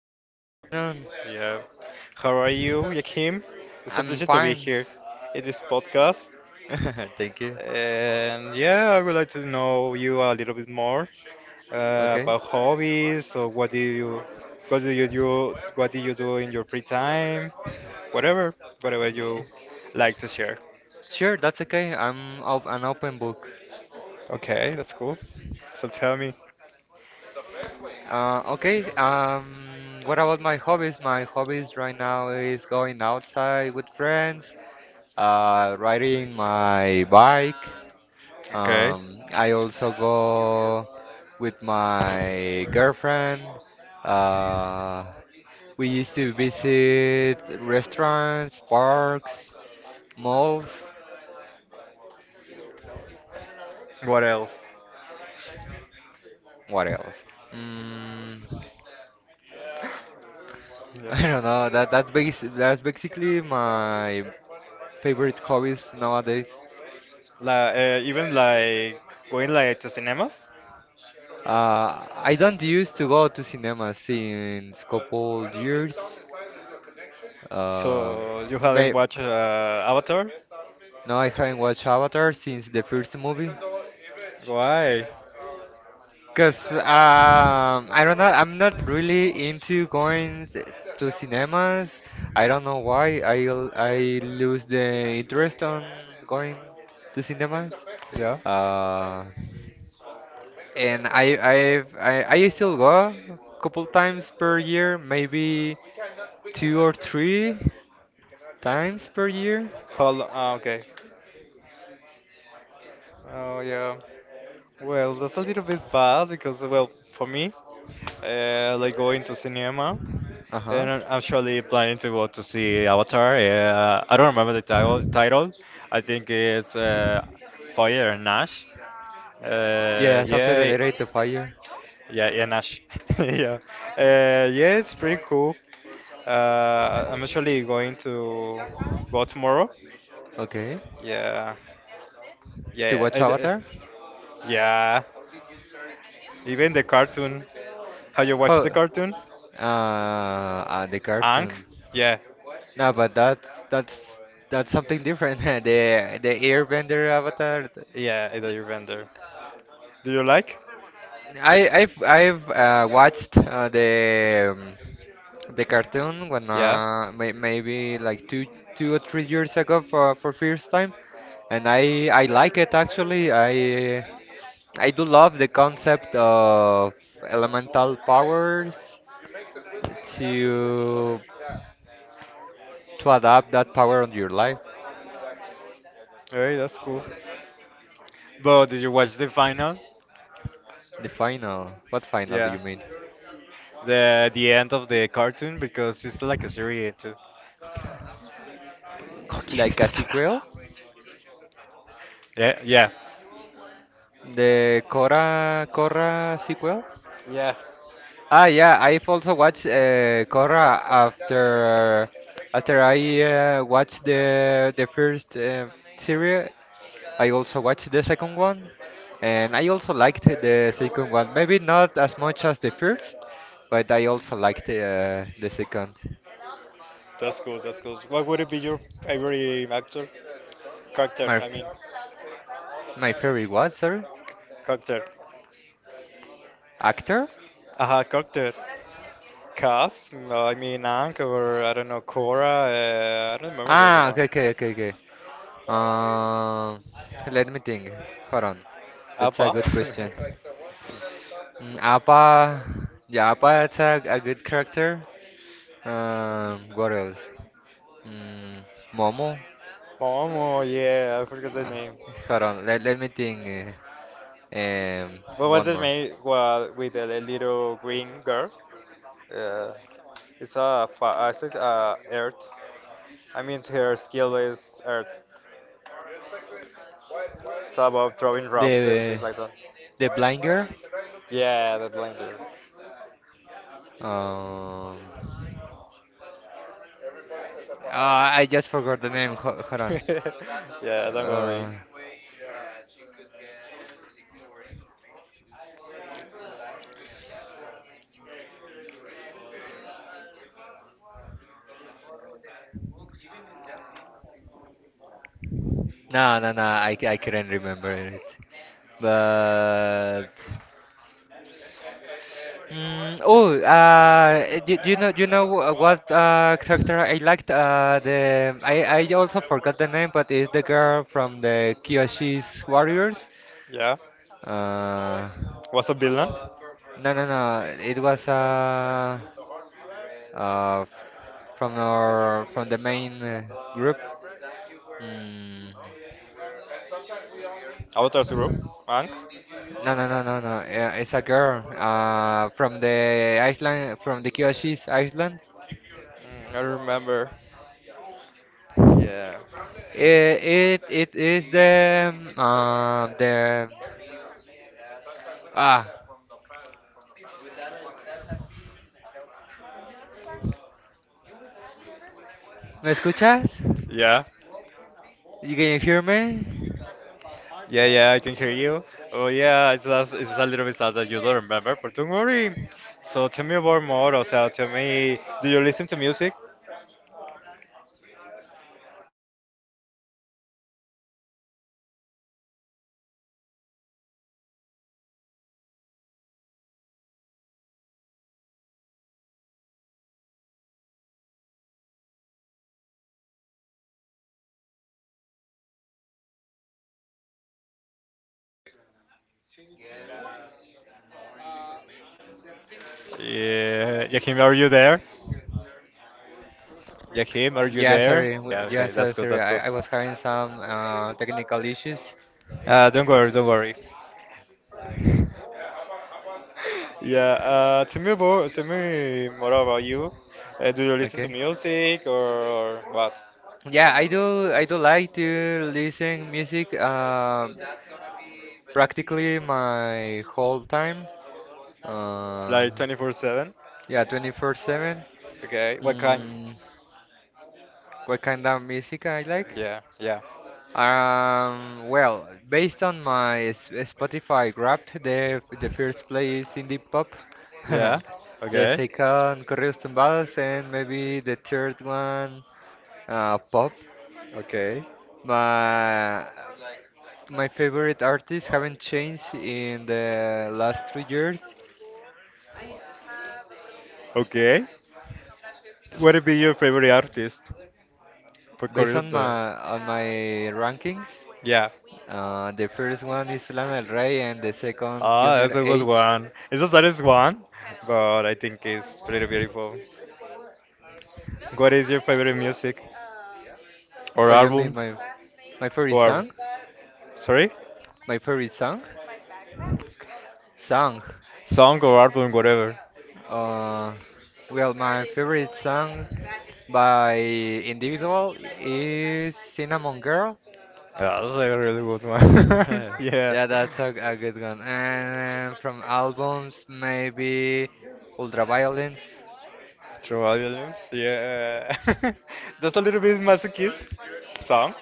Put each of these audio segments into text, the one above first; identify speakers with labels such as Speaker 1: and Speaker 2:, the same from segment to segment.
Speaker 1: uh,
Speaker 2: good afternoon.
Speaker 1: yeah, how are you, Yakim? It's a
Speaker 2: I'm
Speaker 1: pleasure to be
Speaker 2: fine.
Speaker 1: here in this podcast.
Speaker 2: Thank you.
Speaker 1: And yeah, I would like to know you a little bit more
Speaker 2: Okay.
Speaker 1: about hobbies or what do you do, what do you do in your free time, whatever, whatever
Speaker 2: Yeah.
Speaker 1: you like to share.
Speaker 2: Sure, that's okay. I'm op an open book.
Speaker 1: Okay, that's cool. So tell me.
Speaker 2: Okay, what about my hobbies? My hobbies right now is going outside with friends, riding my bike.
Speaker 1: Okay,
Speaker 2: I also go with my girlfriend. Uh, we used to visit restaurants, parks, malls.
Speaker 1: what else?
Speaker 2: What else? Mm, I don't know. That's basically my favorite hobbies nowadays.
Speaker 1: Like even like going like to cinemas.
Speaker 2: I don't used to go to cinema since couple years. Um,
Speaker 1: So you haven't
Speaker 2: may
Speaker 1: watched Avatar?
Speaker 2: No, I haven't watched Avatar since the first movie.
Speaker 1: Why?
Speaker 2: Cause I don't know. I'm not really into to cinemas. I don't know why. I lose the interest on going to cinemas.
Speaker 1: Yeah.
Speaker 2: Uh, and I I've, I still go a couple times per year, maybe two or three times per year.
Speaker 1: Hold. Ah, okay. Oh yeah. Well, that's a little bit bad because, well, for me, like going to cinema,
Speaker 2: Uh huh.
Speaker 1: and I'm actually planning to go to see Avatar. I don't remember the title. I think it's Fire and Ash.
Speaker 2: Yeah,
Speaker 1: Uh,
Speaker 2: something
Speaker 1: yeah,
Speaker 2: related to fire.
Speaker 1: yeah, Nash. yeah, yeah, it's pretty cool. I'm actually going to go tomorrow.
Speaker 2: Okay.
Speaker 1: Yeah,
Speaker 2: To
Speaker 1: yeah, I,
Speaker 2: watch
Speaker 1: I-
Speaker 2: Avatar?
Speaker 1: yeah. Even the cartoon. Have you watched the
Speaker 2: How?
Speaker 1: cartoon?
Speaker 2: The
Speaker 1: Ang?
Speaker 2: cartoon.
Speaker 1: Yeah.
Speaker 2: No, but that's something different. The Airbender avatar.
Speaker 1: Yeah, Ida Bender. Do you like?
Speaker 2: I I've Watched the cartoon when
Speaker 1: Yeah.
Speaker 2: maybe like 2 or 3 years ago for first time, and I like it actually. I do love the concept of elemental powers to to adapt that power on your life.
Speaker 1: Alright, that's cool. But did you watch the final?
Speaker 2: The final. What final do
Speaker 1: Yeah.
Speaker 2: you mean?
Speaker 1: The end of the cartoon because it's like a series too. ¿Con quién
Speaker 2: Like a
Speaker 1: estás hablando?
Speaker 2: sequel,
Speaker 1: Yeah, yeah.
Speaker 2: the Korra sequel.
Speaker 1: Yeah.
Speaker 2: Ah, yeah, I've also watched Korra after after I watched the first series. I also watched the second one, and I also liked the second one. Maybe not as much as the first, but I also liked the second.
Speaker 1: That's cool. What would it be your favorite actor? Character,
Speaker 2: My
Speaker 1: I mean.
Speaker 2: my favorite what, sorry?
Speaker 1: Character.
Speaker 2: Actor?
Speaker 1: Aha, cocktail. Cast? No, I mean Ankh or I don't know, Cora. I don't remember the other
Speaker 2: Ah,
Speaker 1: one.
Speaker 2: okay. Um, Let me think. Hold on. That's a
Speaker 1: Abba?
Speaker 2: good question. Appa, yeah, Appa it's a good character. What else? Mm, Momo.
Speaker 1: Momo, yeah, I forgot the
Speaker 2: Uh,
Speaker 1: name.
Speaker 2: Hold on. Let me think. uh, um,
Speaker 1: What was
Speaker 2: One
Speaker 1: the
Speaker 2: more.
Speaker 1: name well, with the little green girl? Uh, it's it's like a earth. I mean, her skill is earth, it's about throwing rocks and things
Speaker 2: The
Speaker 1: like that.
Speaker 2: the blind girl.
Speaker 1: Yeah, that blender.
Speaker 2: Um, ah, I just forgot the name. Hold on.
Speaker 1: yeah, don't worry.
Speaker 2: Uh, no, No. I couldn't remember it. But do you know what character I liked? The I also forgot the name, but it's the girl from the Kyoshi's Warriors.
Speaker 1: Yeah,
Speaker 2: Uh,
Speaker 1: what's a villain?
Speaker 2: no. It was uh, f- from our from the main group. Mm.
Speaker 1: Avatar Zero,
Speaker 2: No. Yeah, it's a girl from the Iceland, from the Kyoshi's Iceland.
Speaker 1: I remember. Yeah.
Speaker 2: It is the, ah, ¿me escuchas?
Speaker 1: Yeah.
Speaker 2: You can hear me?
Speaker 1: Yeah, yeah, I can hear you. Oh, yeah, it's just, it's a little bit sad that you don't remember, but don't worry. So tell me about more, o sea, tell me, do you listen to music? Yeah, Yakim, are you there? Yakim, are you
Speaker 2: Yeah,
Speaker 1: there?
Speaker 2: sorry.
Speaker 1: Yeah,
Speaker 2: Yeah,
Speaker 1: okay,
Speaker 2: so
Speaker 1: that's good,
Speaker 2: sorry.
Speaker 1: that's good.
Speaker 2: I was having some technical issues.
Speaker 1: Don't worry, don't worry. Yeah, tell me more about you. Do you listen to
Speaker 2: Okay.
Speaker 1: music or what?
Speaker 2: Yeah, I do like to listen music practically my whole time. Uh,
Speaker 1: Like 24/7?
Speaker 2: Yeah, 24/7.
Speaker 1: Okay, what kind?
Speaker 2: Mm, what kind of music I like?
Speaker 1: Yeah, yeah,
Speaker 2: Well, based on my Spotify Wrapped, the first place is indie pop,
Speaker 1: yeah,
Speaker 2: the
Speaker 1: Okay.
Speaker 2: second corridos tumbados, and maybe the third one pop.
Speaker 1: Okay.
Speaker 2: My my favorite artists haven't changed in the last 3 years.
Speaker 1: Okay. What would be your favorite artist? For
Speaker 2: Based on
Speaker 1: curious,
Speaker 2: my rankings.
Speaker 1: yeah.
Speaker 2: The first one is Lana Del Rey, and the second
Speaker 1: Ah, that's
Speaker 2: Junior
Speaker 1: a good
Speaker 2: H.
Speaker 1: one. It's the saddest one, but I think it's pretty beautiful. What is your favorite music or
Speaker 2: What you mean,
Speaker 1: album
Speaker 2: my favorite
Speaker 1: or
Speaker 2: song?
Speaker 1: sorry?
Speaker 2: My favorite song? Song.
Speaker 1: Song or album, whatever.
Speaker 2: Uh, well, my favorite song by individual is Cinnamon Girl.
Speaker 1: Yeah, that's a really good one. yeah.
Speaker 2: Yeah, that's a good one. And from albums, maybe Ultraviolence.
Speaker 1: True violence. Yeah. that's a little bit masochist. Songs.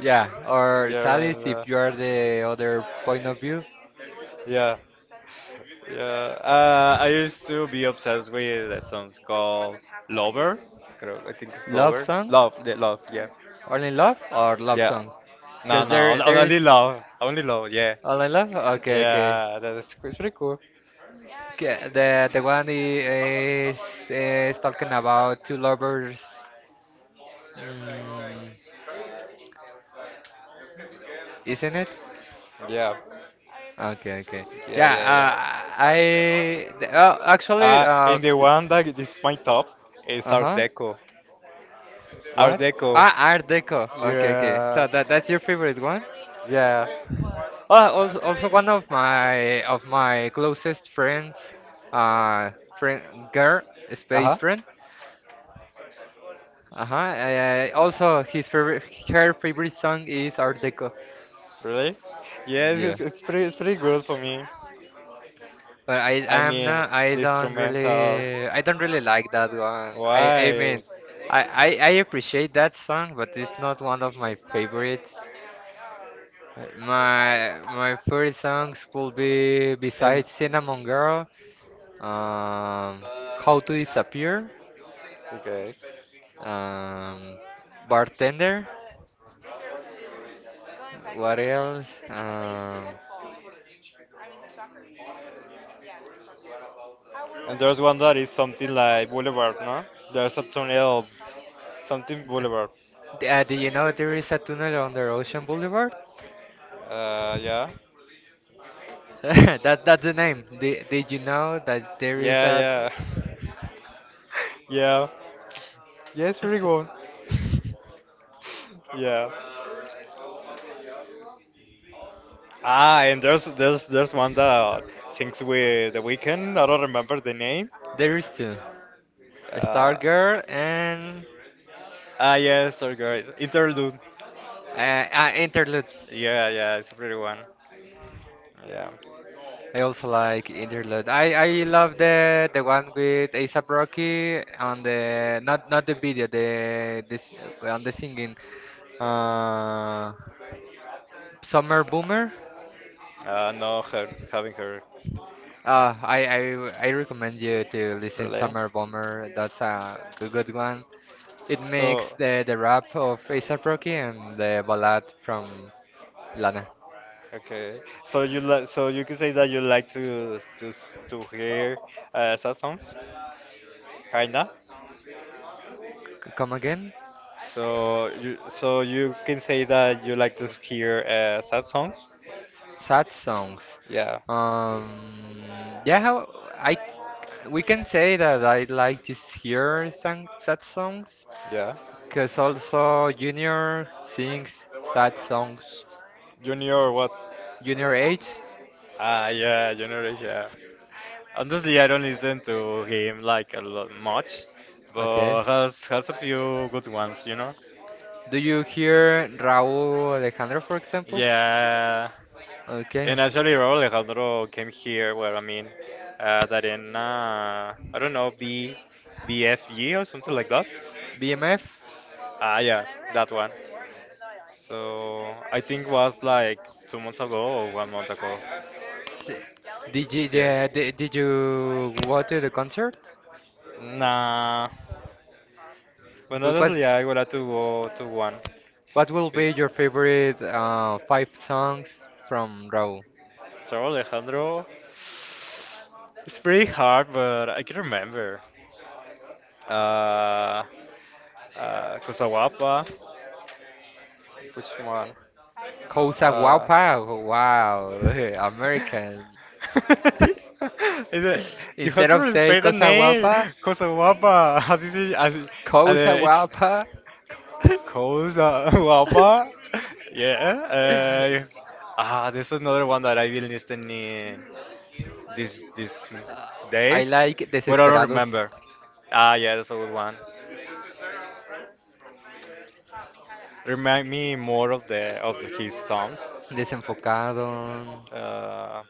Speaker 2: Yeah, or
Speaker 1: Yeah, right.
Speaker 2: Sadist if you are the other point of view.
Speaker 1: Yeah. Yeah, I used to be obsessed with a song called Lover. I think it's
Speaker 2: Love
Speaker 1: Lover.
Speaker 2: song.
Speaker 1: Love, the love, yeah.
Speaker 2: All in Love or Love
Speaker 1: Yeah.
Speaker 2: Song?
Speaker 1: No,
Speaker 2: Because
Speaker 1: no,
Speaker 2: there
Speaker 1: on-
Speaker 2: there
Speaker 1: only
Speaker 2: is
Speaker 1: love. Only love, yeah.
Speaker 2: All in Love. Okay, okay.
Speaker 1: Yeah, that is it's pretty cool.
Speaker 2: Okay, the one I- is talking about two lovers, mm, isn't it?
Speaker 1: Yeah.
Speaker 2: Okay, okay.
Speaker 1: Yeah,
Speaker 2: Yeah.
Speaker 1: yeah, yeah.
Speaker 2: I the- oh, actually
Speaker 1: Uh, and the one that is my top is Art
Speaker 2: Uh-huh.
Speaker 1: Deco. Art
Speaker 2: What?
Speaker 1: Deco.
Speaker 2: Ah, Art Deco. Okay, okay.
Speaker 1: Yeah.
Speaker 2: So that that's your favorite one?
Speaker 1: Yeah.
Speaker 2: Oh, also also one of my closest friends, friend girl,
Speaker 1: Uh
Speaker 2: space
Speaker 1: huh.
Speaker 2: friend. Uh-huh. Also, her favorite song is Art Deco.
Speaker 1: Really? Yes,
Speaker 2: Yeah,
Speaker 1: it's pretty good for me.
Speaker 2: but
Speaker 1: I
Speaker 2: I'm
Speaker 1: mean,
Speaker 2: not.
Speaker 1: the instrumental.
Speaker 2: I don't really like that one. I
Speaker 1: Why?
Speaker 2: mean, I appreciate that song, but it's not one of my favorites. My, my favorite songs would be
Speaker 1: And
Speaker 2: besides Cinnamon Girl, um, How to Disappear,
Speaker 1: okay.
Speaker 2: um, Bartender. What else?
Speaker 1: And there's one that is something like Boulevard, no? There's a tornado, something Boulevard.
Speaker 2: Do you know there is a tunnel under Ocean Boulevard?
Speaker 1: Yeah.
Speaker 2: That that's the name. Did you know that there is
Speaker 1: Yeah,
Speaker 2: a
Speaker 1: yeah. Yeah. Yes, very good. Yeah. Ah, and there's one that sings with The Weeknd. I don't remember the name.
Speaker 2: there is two,
Speaker 1: Uh,
Speaker 2: Stargirl and
Speaker 1: yes, sorry, great. Interlude.
Speaker 2: uh, Interlude.
Speaker 1: Yeah, yeah, it's a pretty one. Yeah.
Speaker 2: I also like Interlude. I love the one with ASAP Rocky on the not not the video the this on the singing uh, Summer Boomer.
Speaker 1: No, her, having her. No,
Speaker 2: Uh, I, I I recommend you to listen
Speaker 1: really.
Speaker 2: Summer Bomber. That's a good, good one. It makes
Speaker 1: So,
Speaker 2: the rap of ASAP Rocky and the ballad from Lana.
Speaker 1: okay. So you like? So you can say that you like to hear sad songs. Kinda.
Speaker 2: Come again?
Speaker 1: So you can say that you like to hear sad songs.
Speaker 2: Sad songs.
Speaker 1: Yeah,
Speaker 2: Yeah, how? I We can say that I like to hear some sad songs,
Speaker 1: yeah.
Speaker 2: cause also Junior sings sad songs.
Speaker 1: Junior, what?
Speaker 2: Junior H,
Speaker 1: Ah, yeah, Junior H, yeah. Honestly, I don't listen to him like a lot much,
Speaker 2: okay.
Speaker 1: but has a few good ones, you know.
Speaker 2: Do you hear Raúl Alejandro, for example?
Speaker 1: Yeah.
Speaker 2: Okay.
Speaker 1: And actually, Raul Alejandro came here. Well, I mean, that in I don't know B B F G or something like that.
Speaker 2: BMF?
Speaker 1: Ah, yeah, that one. So I think was like 2 months ago or 1 month ago. Yeah.
Speaker 2: Yeah, did you go to the concert?
Speaker 1: Nah. But
Speaker 2: Wh-
Speaker 1: honestly, I
Speaker 2: What's,
Speaker 1: would have to go to one.
Speaker 2: what will
Speaker 1: Be-
Speaker 2: be your favorite five songs from Raúl?
Speaker 1: Raúl Alejandro. It's pretty hard, but I can remember. Uh, Cosa which one?
Speaker 2: Cosa
Speaker 1: Uh,
Speaker 2: guapa? Wow, American.
Speaker 1: Is it, you have
Speaker 2: Instead
Speaker 1: to
Speaker 2: of say
Speaker 1: respect the
Speaker 2: cosa
Speaker 1: name,
Speaker 2: guapa,
Speaker 1: Cosa. As you see, as,
Speaker 2: cosa
Speaker 1: it's
Speaker 2: guapa.
Speaker 1: Cosa. Yeah. There's another one that I've been listening these
Speaker 2: I
Speaker 1: days,
Speaker 2: like
Speaker 1: but I don't
Speaker 2: Desesperados,
Speaker 1: remember. Ah, yeah, that's a good one. Remind me more of the of his songs.
Speaker 2: Desenfocado.
Speaker 1: Uh,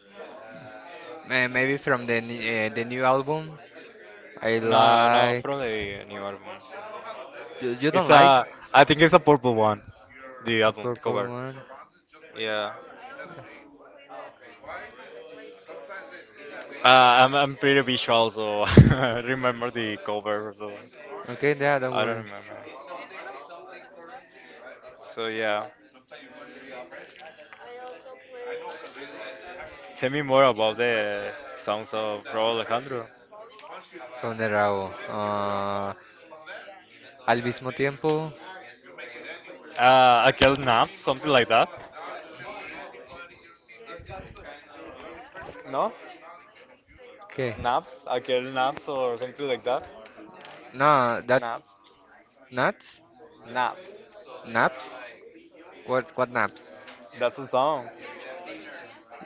Speaker 2: Maybe from the the new album. I
Speaker 1: no, no,
Speaker 2: like.
Speaker 1: from the new album.
Speaker 2: You don't
Speaker 1: It's
Speaker 2: like
Speaker 1: a, I think it's a purple one. The
Speaker 2: a
Speaker 1: album, the
Speaker 2: purple
Speaker 1: cover.
Speaker 2: one?
Speaker 1: Yeah. I'm pretty visual, so I remember the cover. So
Speaker 2: Okay, yeah, don't
Speaker 1: I don't
Speaker 2: worry.
Speaker 1: remember. So yeah. Tell me more about the songs of Raul Alejandro.
Speaker 2: From the Rabo. Al mismo tiempo.
Speaker 1: Aquel Naps, something like that. No?
Speaker 2: Okay.
Speaker 1: Naps? Aquel Naps or something like that?
Speaker 2: No, that
Speaker 1: Naps?
Speaker 2: nuts.
Speaker 1: Naps.
Speaker 2: Naps. What naps?
Speaker 1: That's a song.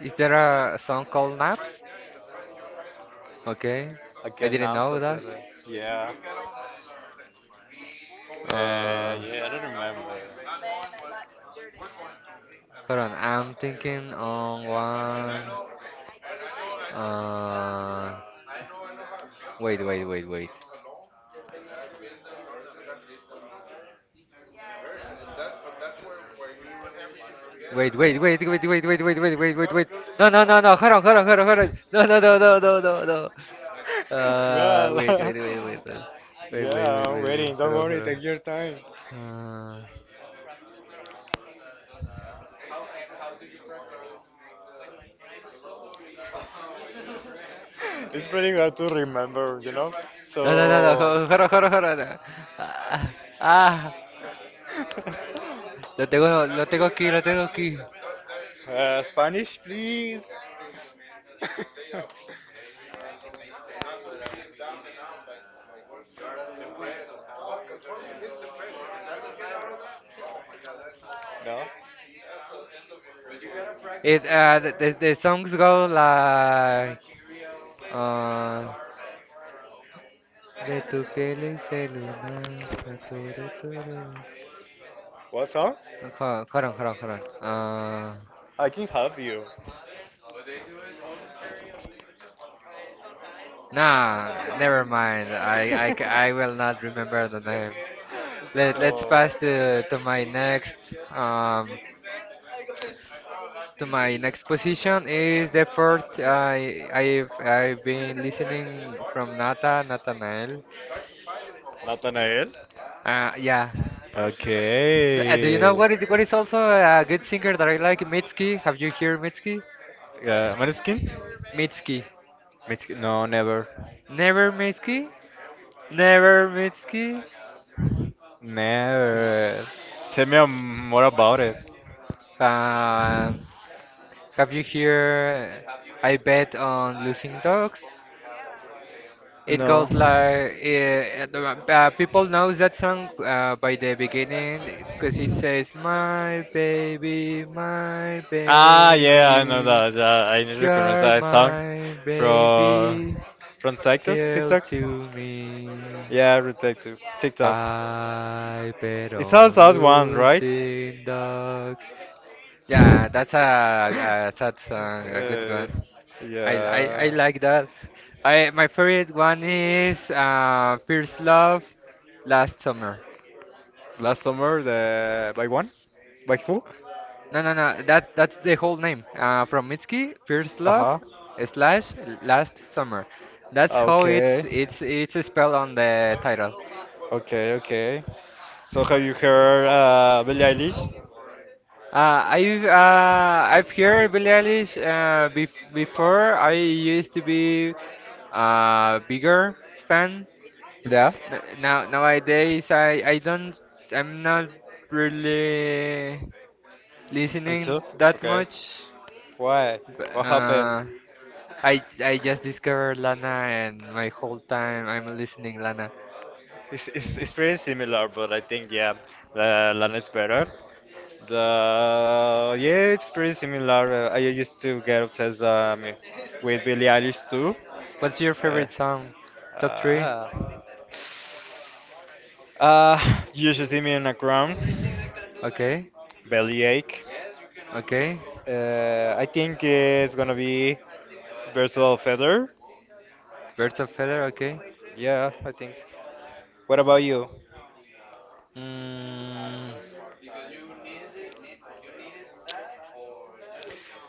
Speaker 2: Is there a song called Naps? Okay, I
Speaker 1: Aquel
Speaker 2: didn't
Speaker 1: Naps,
Speaker 2: know
Speaker 1: something
Speaker 2: that.
Speaker 1: like that. Yeah. Uh,
Speaker 2: Uh,
Speaker 1: yeah, I don't remember.
Speaker 2: Hold on, I'm thinking on one. Uh, Wait, wait, wait, wait. Wait, wait, wait, wait, wait, wait, wait, wait, wait, wait, wait. No, no, no, no. Hold on, hold on, hold on, hold on. No, no, no, no, no, no, no.
Speaker 1: Well,
Speaker 2: Wait, wait, wait, wait, wait, wait, wait,
Speaker 1: yeah,
Speaker 2: wait,
Speaker 1: I'm
Speaker 2: wait, wait.
Speaker 1: waiting. Don't
Speaker 2: Hold on,
Speaker 1: worry,
Speaker 2: hold on.
Speaker 1: take your time.
Speaker 2: Ah,
Speaker 1: It's pretty hard to remember, you know?
Speaker 2: no, no, no, no,
Speaker 1: So.
Speaker 2: jo- jorro, jorro, jorro, no. Ah, ah, lo tengo aquí, lo tengo aquí.
Speaker 1: Spanish, please. No?
Speaker 2: It, The songs go like, uh, de tu piel es el lunar, a tu, tu, tu, tu.
Speaker 1: What song?
Speaker 2: Hold hold on, hold on, hold on.
Speaker 1: I can help you.
Speaker 2: Nah, never mind. I will not remember the name. Let's
Speaker 1: so,
Speaker 2: pass um to my next position is the first I've been listening from Nata Nathanael.
Speaker 1: Nathanael.
Speaker 2: Yeah. Do you
Speaker 1: Okay.
Speaker 2: know what is also a good singer that I like? Mitski. Have you heard Mitski?
Speaker 1: Maneskin?
Speaker 2: Mitski.
Speaker 1: Mexican? No, never.
Speaker 2: Never Mitski. Never Mitski.
Speaker 1: Never. Tell me more about it.
Speaker 2: Um, have you heard I bet on losing dogs? It
Speaker 1: No.
Speaker 2: goes like people knows that song by the beginning because it says my
Speaker 1: Ah, yeah, I know
Speaker 2: baby,
Speaker 1: that. Yeah, I recognize
Speaker 2: you're
Speaker 1: that song
Speaker 2: my baby,
Speaker 1: from from TikTok.
Speaker 2: tell
Speaker 1: TikTok.
Speaker 2: to me.
Speaker 1: Yeah, from TikTok. TikTok.
Speaker 2: I bet
Speaker 1: It's a
Speaker 2: on
Speaker 1: sad one, right?
Speaker 2: losing dogs. Yeah, that's a sad song, a good
Speaker 1: Uh,
Speaker 2: one. I
Speaker 1: yeah.
Speaker 2: like that. I my favorite one is First Love Last Summer.
Speaker 1: Last summer, the by one, by who?
Speaker 2: No no no that that's the whole name. From Mitski, First
Speaker 1: Uh
Speaker 2: Love
Speaker 1: huh.
Speaker 2: slash Last Summer. That's how
Speaker 1: Okay.
Speaker 2: it's spelled on the title.
Speaker 1: Okay. Okay. So have you heard Billie Eilish?
Speaker 2: I've heard Billie Eilish before. I used to be a bigger fan.
Speaker 1: Yeah.
Speaker 2: Nowadays I'm not really
Speaker 1: Me
Speaker 2: listening
Speaker 1: too.
Speaker 2: that
Speaker 1: Okay.
Speaker 2: much.
Speaker 1: Why?
Speaker 2: But,
Speaker 1: What happened?
Speaker 2: I just discovered Lana and my whole time I'm listening Lana.
Speaker 1: It's pretty similar, but I think yeah, Lana's better. The yeah, it's pretty similar. I used to get obsessed with Billie Eilish too.
Speaker 2: What's your
Speaker 1: Uh,
Speaker 2: favorite song? Top three?
Speaker 1: uh, you should see me in a crown,
Speaker 2: Okay,
Speaker 1: bellyache.
Speaker 2: okay.
Speaker 1: I think it's gonna be versatile feather.
Speaker 2: Birds of Feather. Okay.
Speaker 1: Yeah, I think. What about you?
Speaker 2: Mm,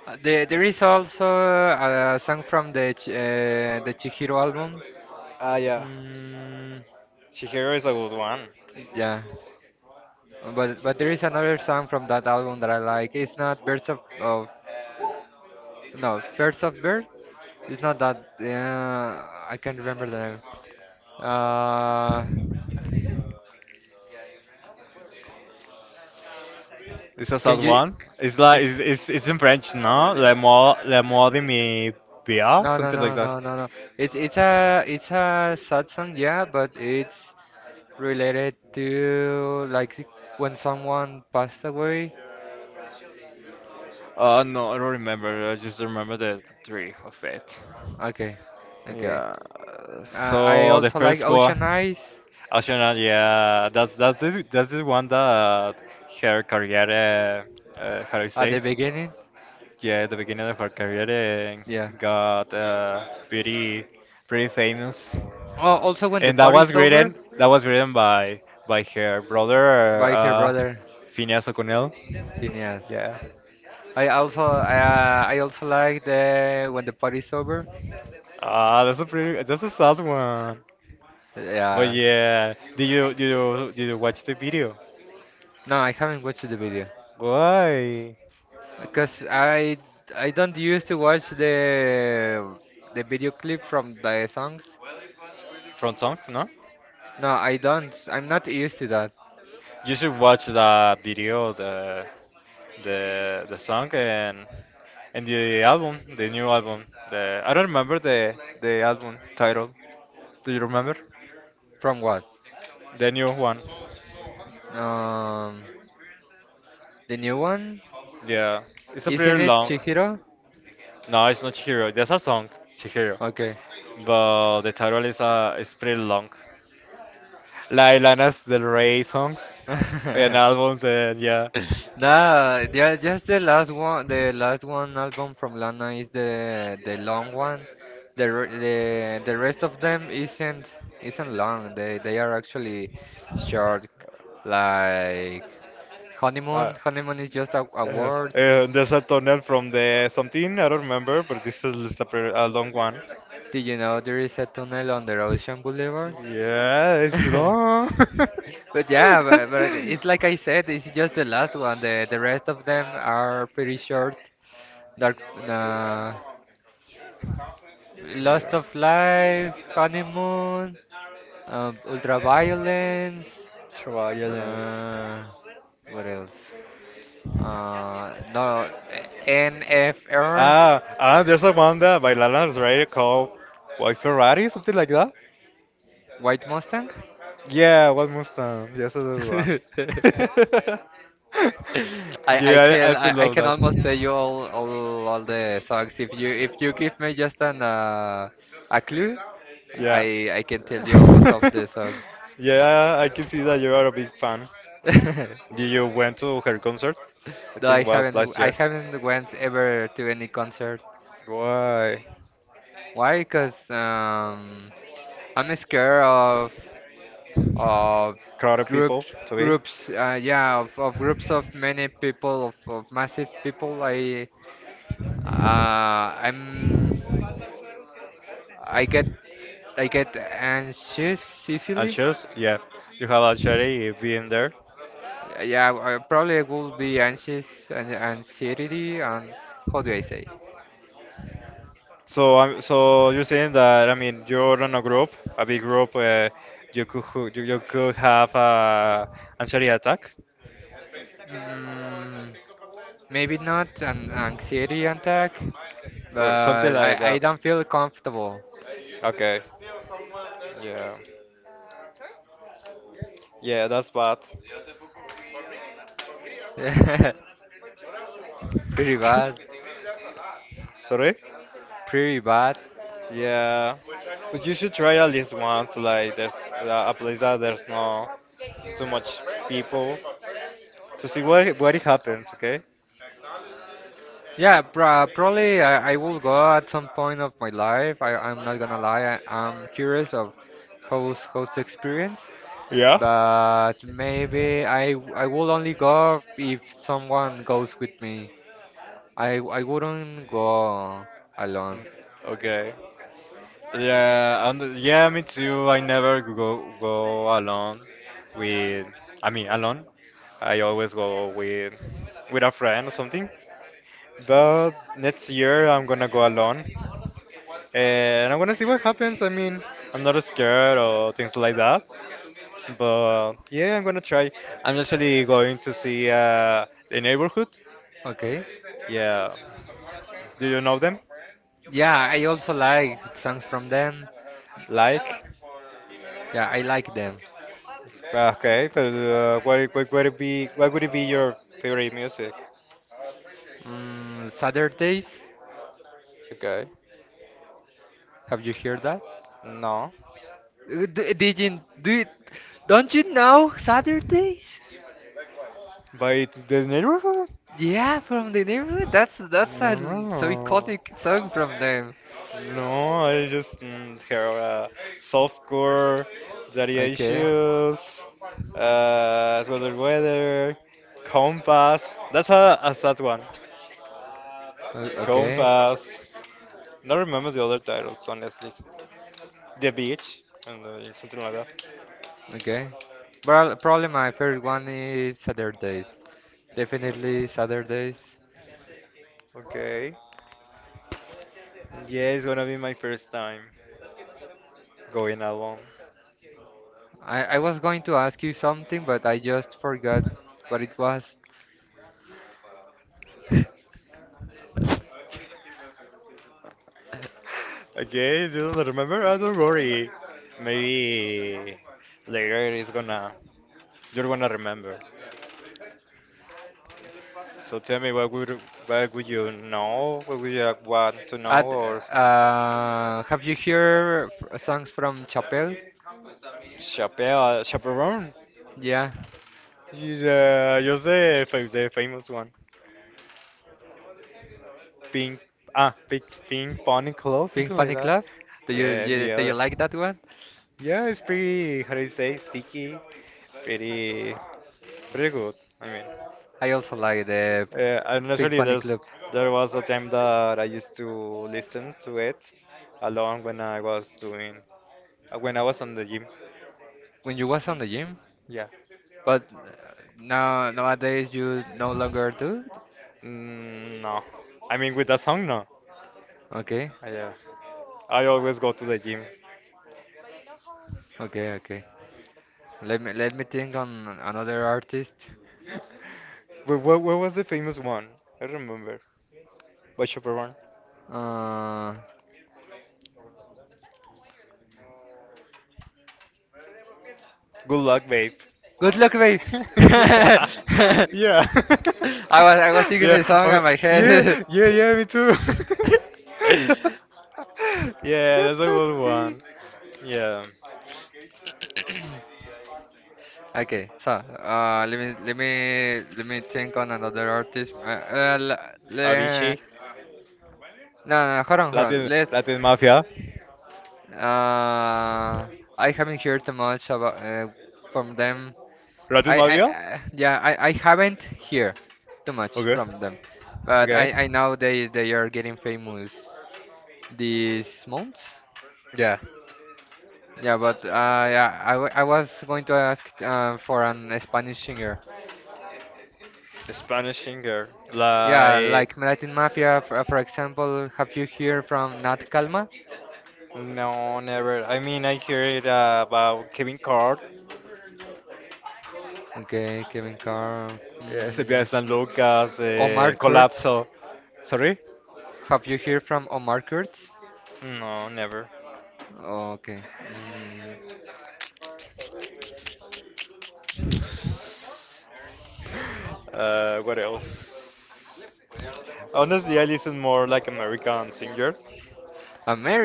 Speaker 2: there there is also a song from the the Chihiro album.
Speaker 1: Ah, yeah,
Speaker 2: Mm,
Speaker 1: Chihiro is a good one.
Speaker 2: yeah. But there is another song from that album that I like. It's not Birds of no first of Bird. It's not that. I can't remember the name. Uh,
Speaker 1: It's a sad
Speaker 2: can you?
Speaker 1: one. It's like
Speaker 2: It's
Speaker 1: it's in French, no? Le mort de mi pia,
Speaker 2: no no
Speaker 1: something like
Speaker 2: no
Speaker 1: that.
Speaker 2: no no no. It's a sad song, yeah, but it's related to like when someone passed away.
Speaker 1: No, I don't remember. I just remember the three of it.
Speaker 2: Okay, okay.
Speaker 1: Yeah.
Speaker 2: I
Speaker 1: So the
Speaker 2: also like
Speaker 1: first
Speaker 2: Ocean
Speaker 1: one,
Speaker 2: Eyes
Speaker 1: Arsenal. Yeah, that's the one that her career, how do you
Speaker 2: at
Speaker 1: say?
Speaker 2: the beginning.
Speaker 1: Yeah, the beginning of her career
Speaker 2: Yeah.
Speaker 1: got pretty pretty famous.
Speaker 2: Oh, also when the
Speaker 1: And that was
Speaker 2: party's over,
Speaker 1: written that was written by her brother
Speaker 2: by her brother
Speaker 1: Phineas O'Connell.
Speaker 2: Phineas.
Speaker 1: Yeah.
Speaker 2: I also like the when the party's over.
Speaker 1: Ah, that's a pretty that's a sad one. But
Speaker 2: Yeah.
Speaker 1: yeah, did you watch the video?
Speaker 2: No, I haven't watched the video
Speaker 1: Why?
Speaker 2: because I don't used to watch the video clip from the songs.
Speaker 1: From songs, no?
Speaker 2: No, I don't. I'm not used to that.
Speaker 1: You should watch the video, the song and the album, the new album. The I don't remember the album title. Do you remember?
Speaker 2: From what?
Speaker 1: The new one.
Speaker 2: Um, the new one?
Speaker 1: Yeah. It's a
Speaker 2: Isn't
Speaker 1: pretty
Speaker 2: it
Speaker 1: long.
Speaker 2: Chihiro?
Speaker 1: No, it's not Chihiro. There's a song, Chihiro.
Speaker 2: Okay.
Speaker 1: But the title is pretty long. Like Lana's Del Rey songs and albums and yeah.
Speaker 2: Nah, yeah, just the last one album from Lana is the long one. The re- the the rest of them isn't long. They are actually short, like
Speaker 1: Uh,
Speaker 2: honeymoon. Honeymoon is just a word.
Speaker 1: there's a tunnel from the something, I don't remember, but this is just a, pretty, a long one.
Speaker 2: Did you know there is a tunnel on the Ocean Boulevard?
Speaker 1: Yeah, it's long.
Speaker 2: But yeah, but it's like I said, it's just the last one. The rest of them are pretty short. Dark, nah. Lost
Speaker 1: yeah.
Speaker 2: of Life, Honeymoon, Ultraviolence,
Speaker 1: Travalla dance.
Speaker 2: uh, what else? No, NFR,
Speaker 1: There's a one that by Lana's Radio called White Ferrari, something like that.
Speaker 2: White Mustang.
Speaker 1: Yeah, what Mustang? Yes, that's the one. Yeah, I
Speaker 2: I,
Speaker 1: still
Speaker 2: I
Speaker 1: love
Speaker 2: can
Speaker 1: that.
Speaker 2: almost tell you all the songs if you give me just an a clue.
Speaker 1: Yeah.
Speaker 2: I can tell you almost of the songs.
Speaker 1: Yeah, I can see that you are a big fan. Did you went to her concert? I
Speaker 2: No,
Speaker 1: think
Speaker 2: I
Speaker 1: it was
Speaker 2: haven't
Speaker 1: last
Speaker 2: I
Speaker 1: year.
Speaker 2: haven't went ever to any concert.
Speaker 1: Why?
Speaker 2: Why? Because I'm scared of
Speaker 1: Crowded people
Speaker 2: groups
Speaker 1: to be
Speaker 2: groups uh, yeah, of groups of many people, of massive people. Uh, I'm I get I get anxious easily.
Speaker 1: anxious. Yeah, you have already been there.
Speaker 2: Yeah, I probably will be anxious and anxiety and how do I say?
Speaker 1: So, I'm so you're saying that, I mean, you're on a group, a big group, you, you could have a anxiety attack.
Speaker 2: Mm, maybe not an anxiety attack,
Speaker 1: Or something
Speaker 2: but I
Speaker 1: like
Speaker 2: I
Speaker 1: that.
Speaker 2: don't feel comfortable.
Speaker 1: Okay. Yeah. Yeah, that's bad.
Speaker 2: Pretty bad.
Speaker 1: Sorry?
Speaker 2: Pretty bad.
Speaker 1: Yeah, but you should try at least once. Like there's a place that there's no too much people to see what it happens. Okay.
Speaker 2: Yeah, probably I will go at some point of my life. I'm not gonna lie. I'm curious of how's the experience,
Speaker 1: Yeah?
Speaker 2: but maybe I will only go if someone goes with me. I wouldn't go alone.
Speaker 1: Mm, okay. Yeah, and yeah, me too. I never go alone with. I mean, alone. I always go with a friend or something. But next year I'm gonna go alone. Eh, and I'm gonna see what happens. I mean, I'm not scared or things like that. But yeah, I'm gonna try. I'm actually going to see the neighborhood.
Speaker 2: Okay.
Speaker 1: Yeah. Do you know them?
Speaker 2: Yeah, I also like songs from them.
Speaker 1: Like?
Speaker 2: Yeah, I like them.
Speaker 1: Ah, okay, but what would it be? What would it be your favorite music?
Speaker 2: Mm, Saturdays.
Speaker 1: Okay.
Speaker 2: Have you heard that?
Speaker 1: No.
Speaker 2: Did you do? Don't you know Saturdays?
Speaker 1: But it- the neighborhood?
Speaker 2: Yeah, from the neighborhood. So
Speaker 1: No.
Speaker 2: iconic song from them.
Speaker 1: No, I just hear softcore. Daddy
Speaker 2: Okay,
Speaker 1: issues, as well as weather, compass. That's a sad one.
Speaker 2: O- okay,
Speaker 1: Compass. Not remember the other titles, honestly. The beach and something like that.
Speaker 2: okay. Probably my favorite one is Saturdays. Definitely Saturdays.
Speaker 1: Okay. Yeah, it's gonna be my first time going alone.
Speaker 2: I was going to ask you something, but I just forgot what it was.
Speaker 1: Okay, do you remember? I don't worry. Maybe later it's gonna you're gonna remember. So tell me, what would you know? What would you want to know?
Speaker 2: At
Speaker 1: Or
Speaker 2: have you heard songs from Chapelle?
Speaker 1: Chappelle, Chaperone?
Speaker 2: Yeah.
Speaker 1: You say the famous one. Pink, pink pony clothes,
Speaker 2: Pink
Speaker 1: something like
Speaker 2: Panic
Speaker 1: that.
Speaker 2: Club? Do you,
Speaker 1: And
Speaker 2: you do you
Speaker 1: yeah,
Speaker 2: like that one?
Speaker 1: yeah, it's pretty. How do you say? Sticky. Pretty, pretty good. I mean,
Speaker 2: I also like the
Speaker 1: and
Speaker 2: Pink
Speaker 1: actually,
Speaker 2: Panic
Speaker 1: there's
Speaker 2: Club.
Speaker 1: there was a time that I used to listen to it along when I was doing when I was on the gym.
Speaker 2: When you was on the gym,
Speaker 1: Yeah.
Speaker 2: but now nowadays you no longer do.
Speaker 1: Mm, no. I mean, with that song, no.
Speaker 2: Okay,
Speaker 1: Yeah. I always go to the gym.
Speaker 2: okay, okay. Let me think on another artist.
Speaker 1: But what was the famous one? I don't remember. Which upper one?
Speaker 2: Uh,
Speaker 1: Good luck, babe.
Speaker 2: good luck, babe.
Speaker 1: yeah. Yeah.
Speaker 2: I was thinking
Speaker 1: yeah.
Speaker 2: the song
Speaker 1: I'm-
Speaker 2: on my
Speaker 1: yeah.
Speaker 2: head.
Speaker 1: Yeah. Yeah. Me too. yeah.
Speaker 2: Good
Speaker 1: That's a
Speaker 2: luck,
Speaker 1: good
Speaker 2: babe.
Speaker 1: one. Yeah.
Speaker 2: Okay, so let me think on another artist. Le,
Speaker 1: Avicii,
Speaker 2: no, no, hold on, hold on. Let's.
Speaker 1: Latin Mafia,
Speaker 2: Uh, I haven't heard too much about from them.
Speaker 1: Latin Mafia.
Speaker 2: I haven't heard too much
Speaker 1: Okay.
Speaker 2: from them, but
Speaker 1: Okay.
Speaker 2: I know they are getting famous these months.
Speaker 1: Yeah.
Speaker 2: Yeah, but I was going to ask for an Spanish singer.
Speaker 1: A Spanish singer.
Speaker 2: Yeah,
Speaker 1: Like
Speaker 2: like Latin Mafia, for example, have you heard from Nat Kalma?
Speaker 1: no, never. I mean, I hear it about Kevin Card,
Speaker 2: Okay, Kevin Carr.
Speaker 1: yeah, Silvia
Speaker 2: Mm,
Speaker 1: San Lucas,
Speaker 2: Omar Kurtz.
Speaker 1: Collapso. Sorry?
Speaker 2: Have you heard from Omar Kurtz?
Speaker 1: No, never.
Speaker 2: Okay. Mm,
Speaker 1: What else? Honestly, I listen more like American singers.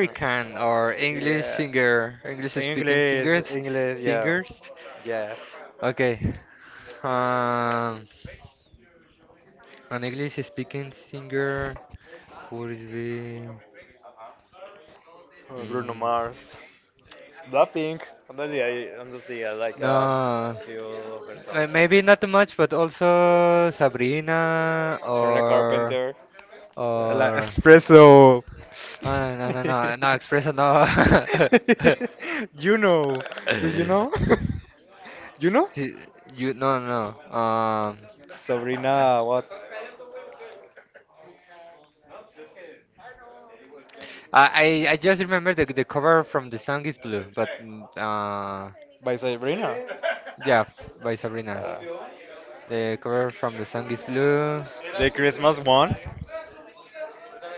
Speaker 1: Uh,
Speaker 2: or English
Speaker 1: Yeah.
Speaker 2: singer, English speaking
Speaker 1: English,
Speaker 2: singers,
Speaker 1: English, yeah.
Speaker 2: singers.
Speaker 1: Yeah.
Speaker 2: Okay. Um, an English speaking singer would be.
Speaker 1: Bruno
Speaker 2: Mm,
Speaker 1: Mars, Blackpink. Honestly, I like
Speaker 2: no.
Speaker 1: a few of her
Speaker 2: May-
Speaker 1: songs.
Speaker 2: Maybe not much, but also Sabrina
Speaker 1: Serena Carpenter, like
Speaker 2: or
Speaker 1: Espresso.
Speaker 2: no, Expresso no.
Speaker 1: you know, did you know? you know?
Speaker 2: See, you no no. Um, uh,
Speaker 1: Sabrina, what?
Speaker 2: I I I just remember the cover from the song is blue, but
Speaker 1: By Sabrina.
Speaker 2: yeah, by Sabrina.
Speaker 1: Uh,
Speaker 2: The cover from the song is blue.
Speaker 1: the Christmas one.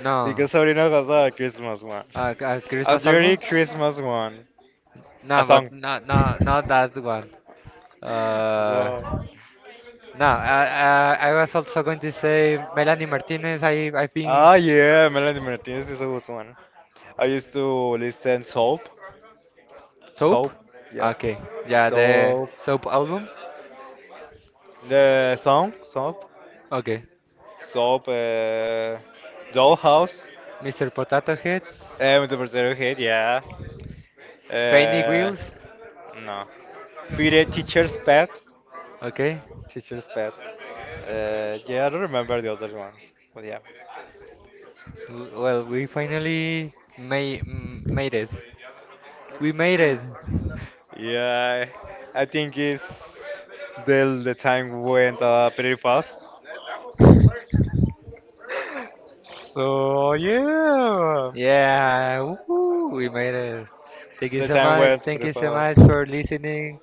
Speaker 2: No,
Speaker 1: Because Sabrina has a Christmas one. A
Speaker 2: Christmas
Speaker 1: dirty
Speaker 2: album.
Speaker 1: Christmas one. A
Speaker 2: No,
Speaker 1: song.
Speaker 2: but not that one. Uh.
Speaker 1: Wow.
Speaker 2: No, I was also going to say Melanie Martinez. I think
Speaker 1: Ah, yeah, Melanie Martinez is a good one. I used to listen Soap.
Speaker 2: Soap.
Speaker 1: Soap, yeah.
Speaker 2: Okay, yeah, the
Speaker 1: Soap.
Speaker 2: Soap album.
Speaker 1: The song, Soap.
Speaker 2: Okay,
Speaker 1: Soap, Dollhouse.
Speaker 2: Mr. Potato Head,
Speaker 1: The potato head, yeah.
Speaker 2: Training
Speaker 1: Uh,
Speaker 2: Wheels.
Speaker 1: no. Peter, Teacher's Pet.
Speaker 2: Okay,
Speaker 1: Teacher's Pet. Yeah, I don't remember the other ones, but yeah.
Speaker 2: well, we finally made it. We made it.
Speaker 1: Yeah, I think it's the time went pretty fast. So yeah,
Speaker 2: Yeah, woohoo, we made it. Thank
Speaker 1: the
Speaker 2: you so
Speaker 1: time
Speaker 2: much.
Speaker 1: went pretty
Speaker 2: Thank you so
Speaker 1: fast.
Speaker 2: much for listening.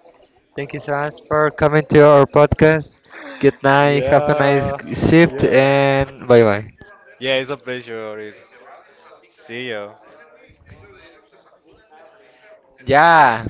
Speaker 2: Thank you so much for coming to our podcast. Good night. Have a nice
Speaker 1: Yeah,
Speaker 2: shift
Speaker 1: yeah,
Speaker 2: and bye bye.
Speaker 1: yeah. It's a pleasure. Already. See you.
Speaker 2: Yeah,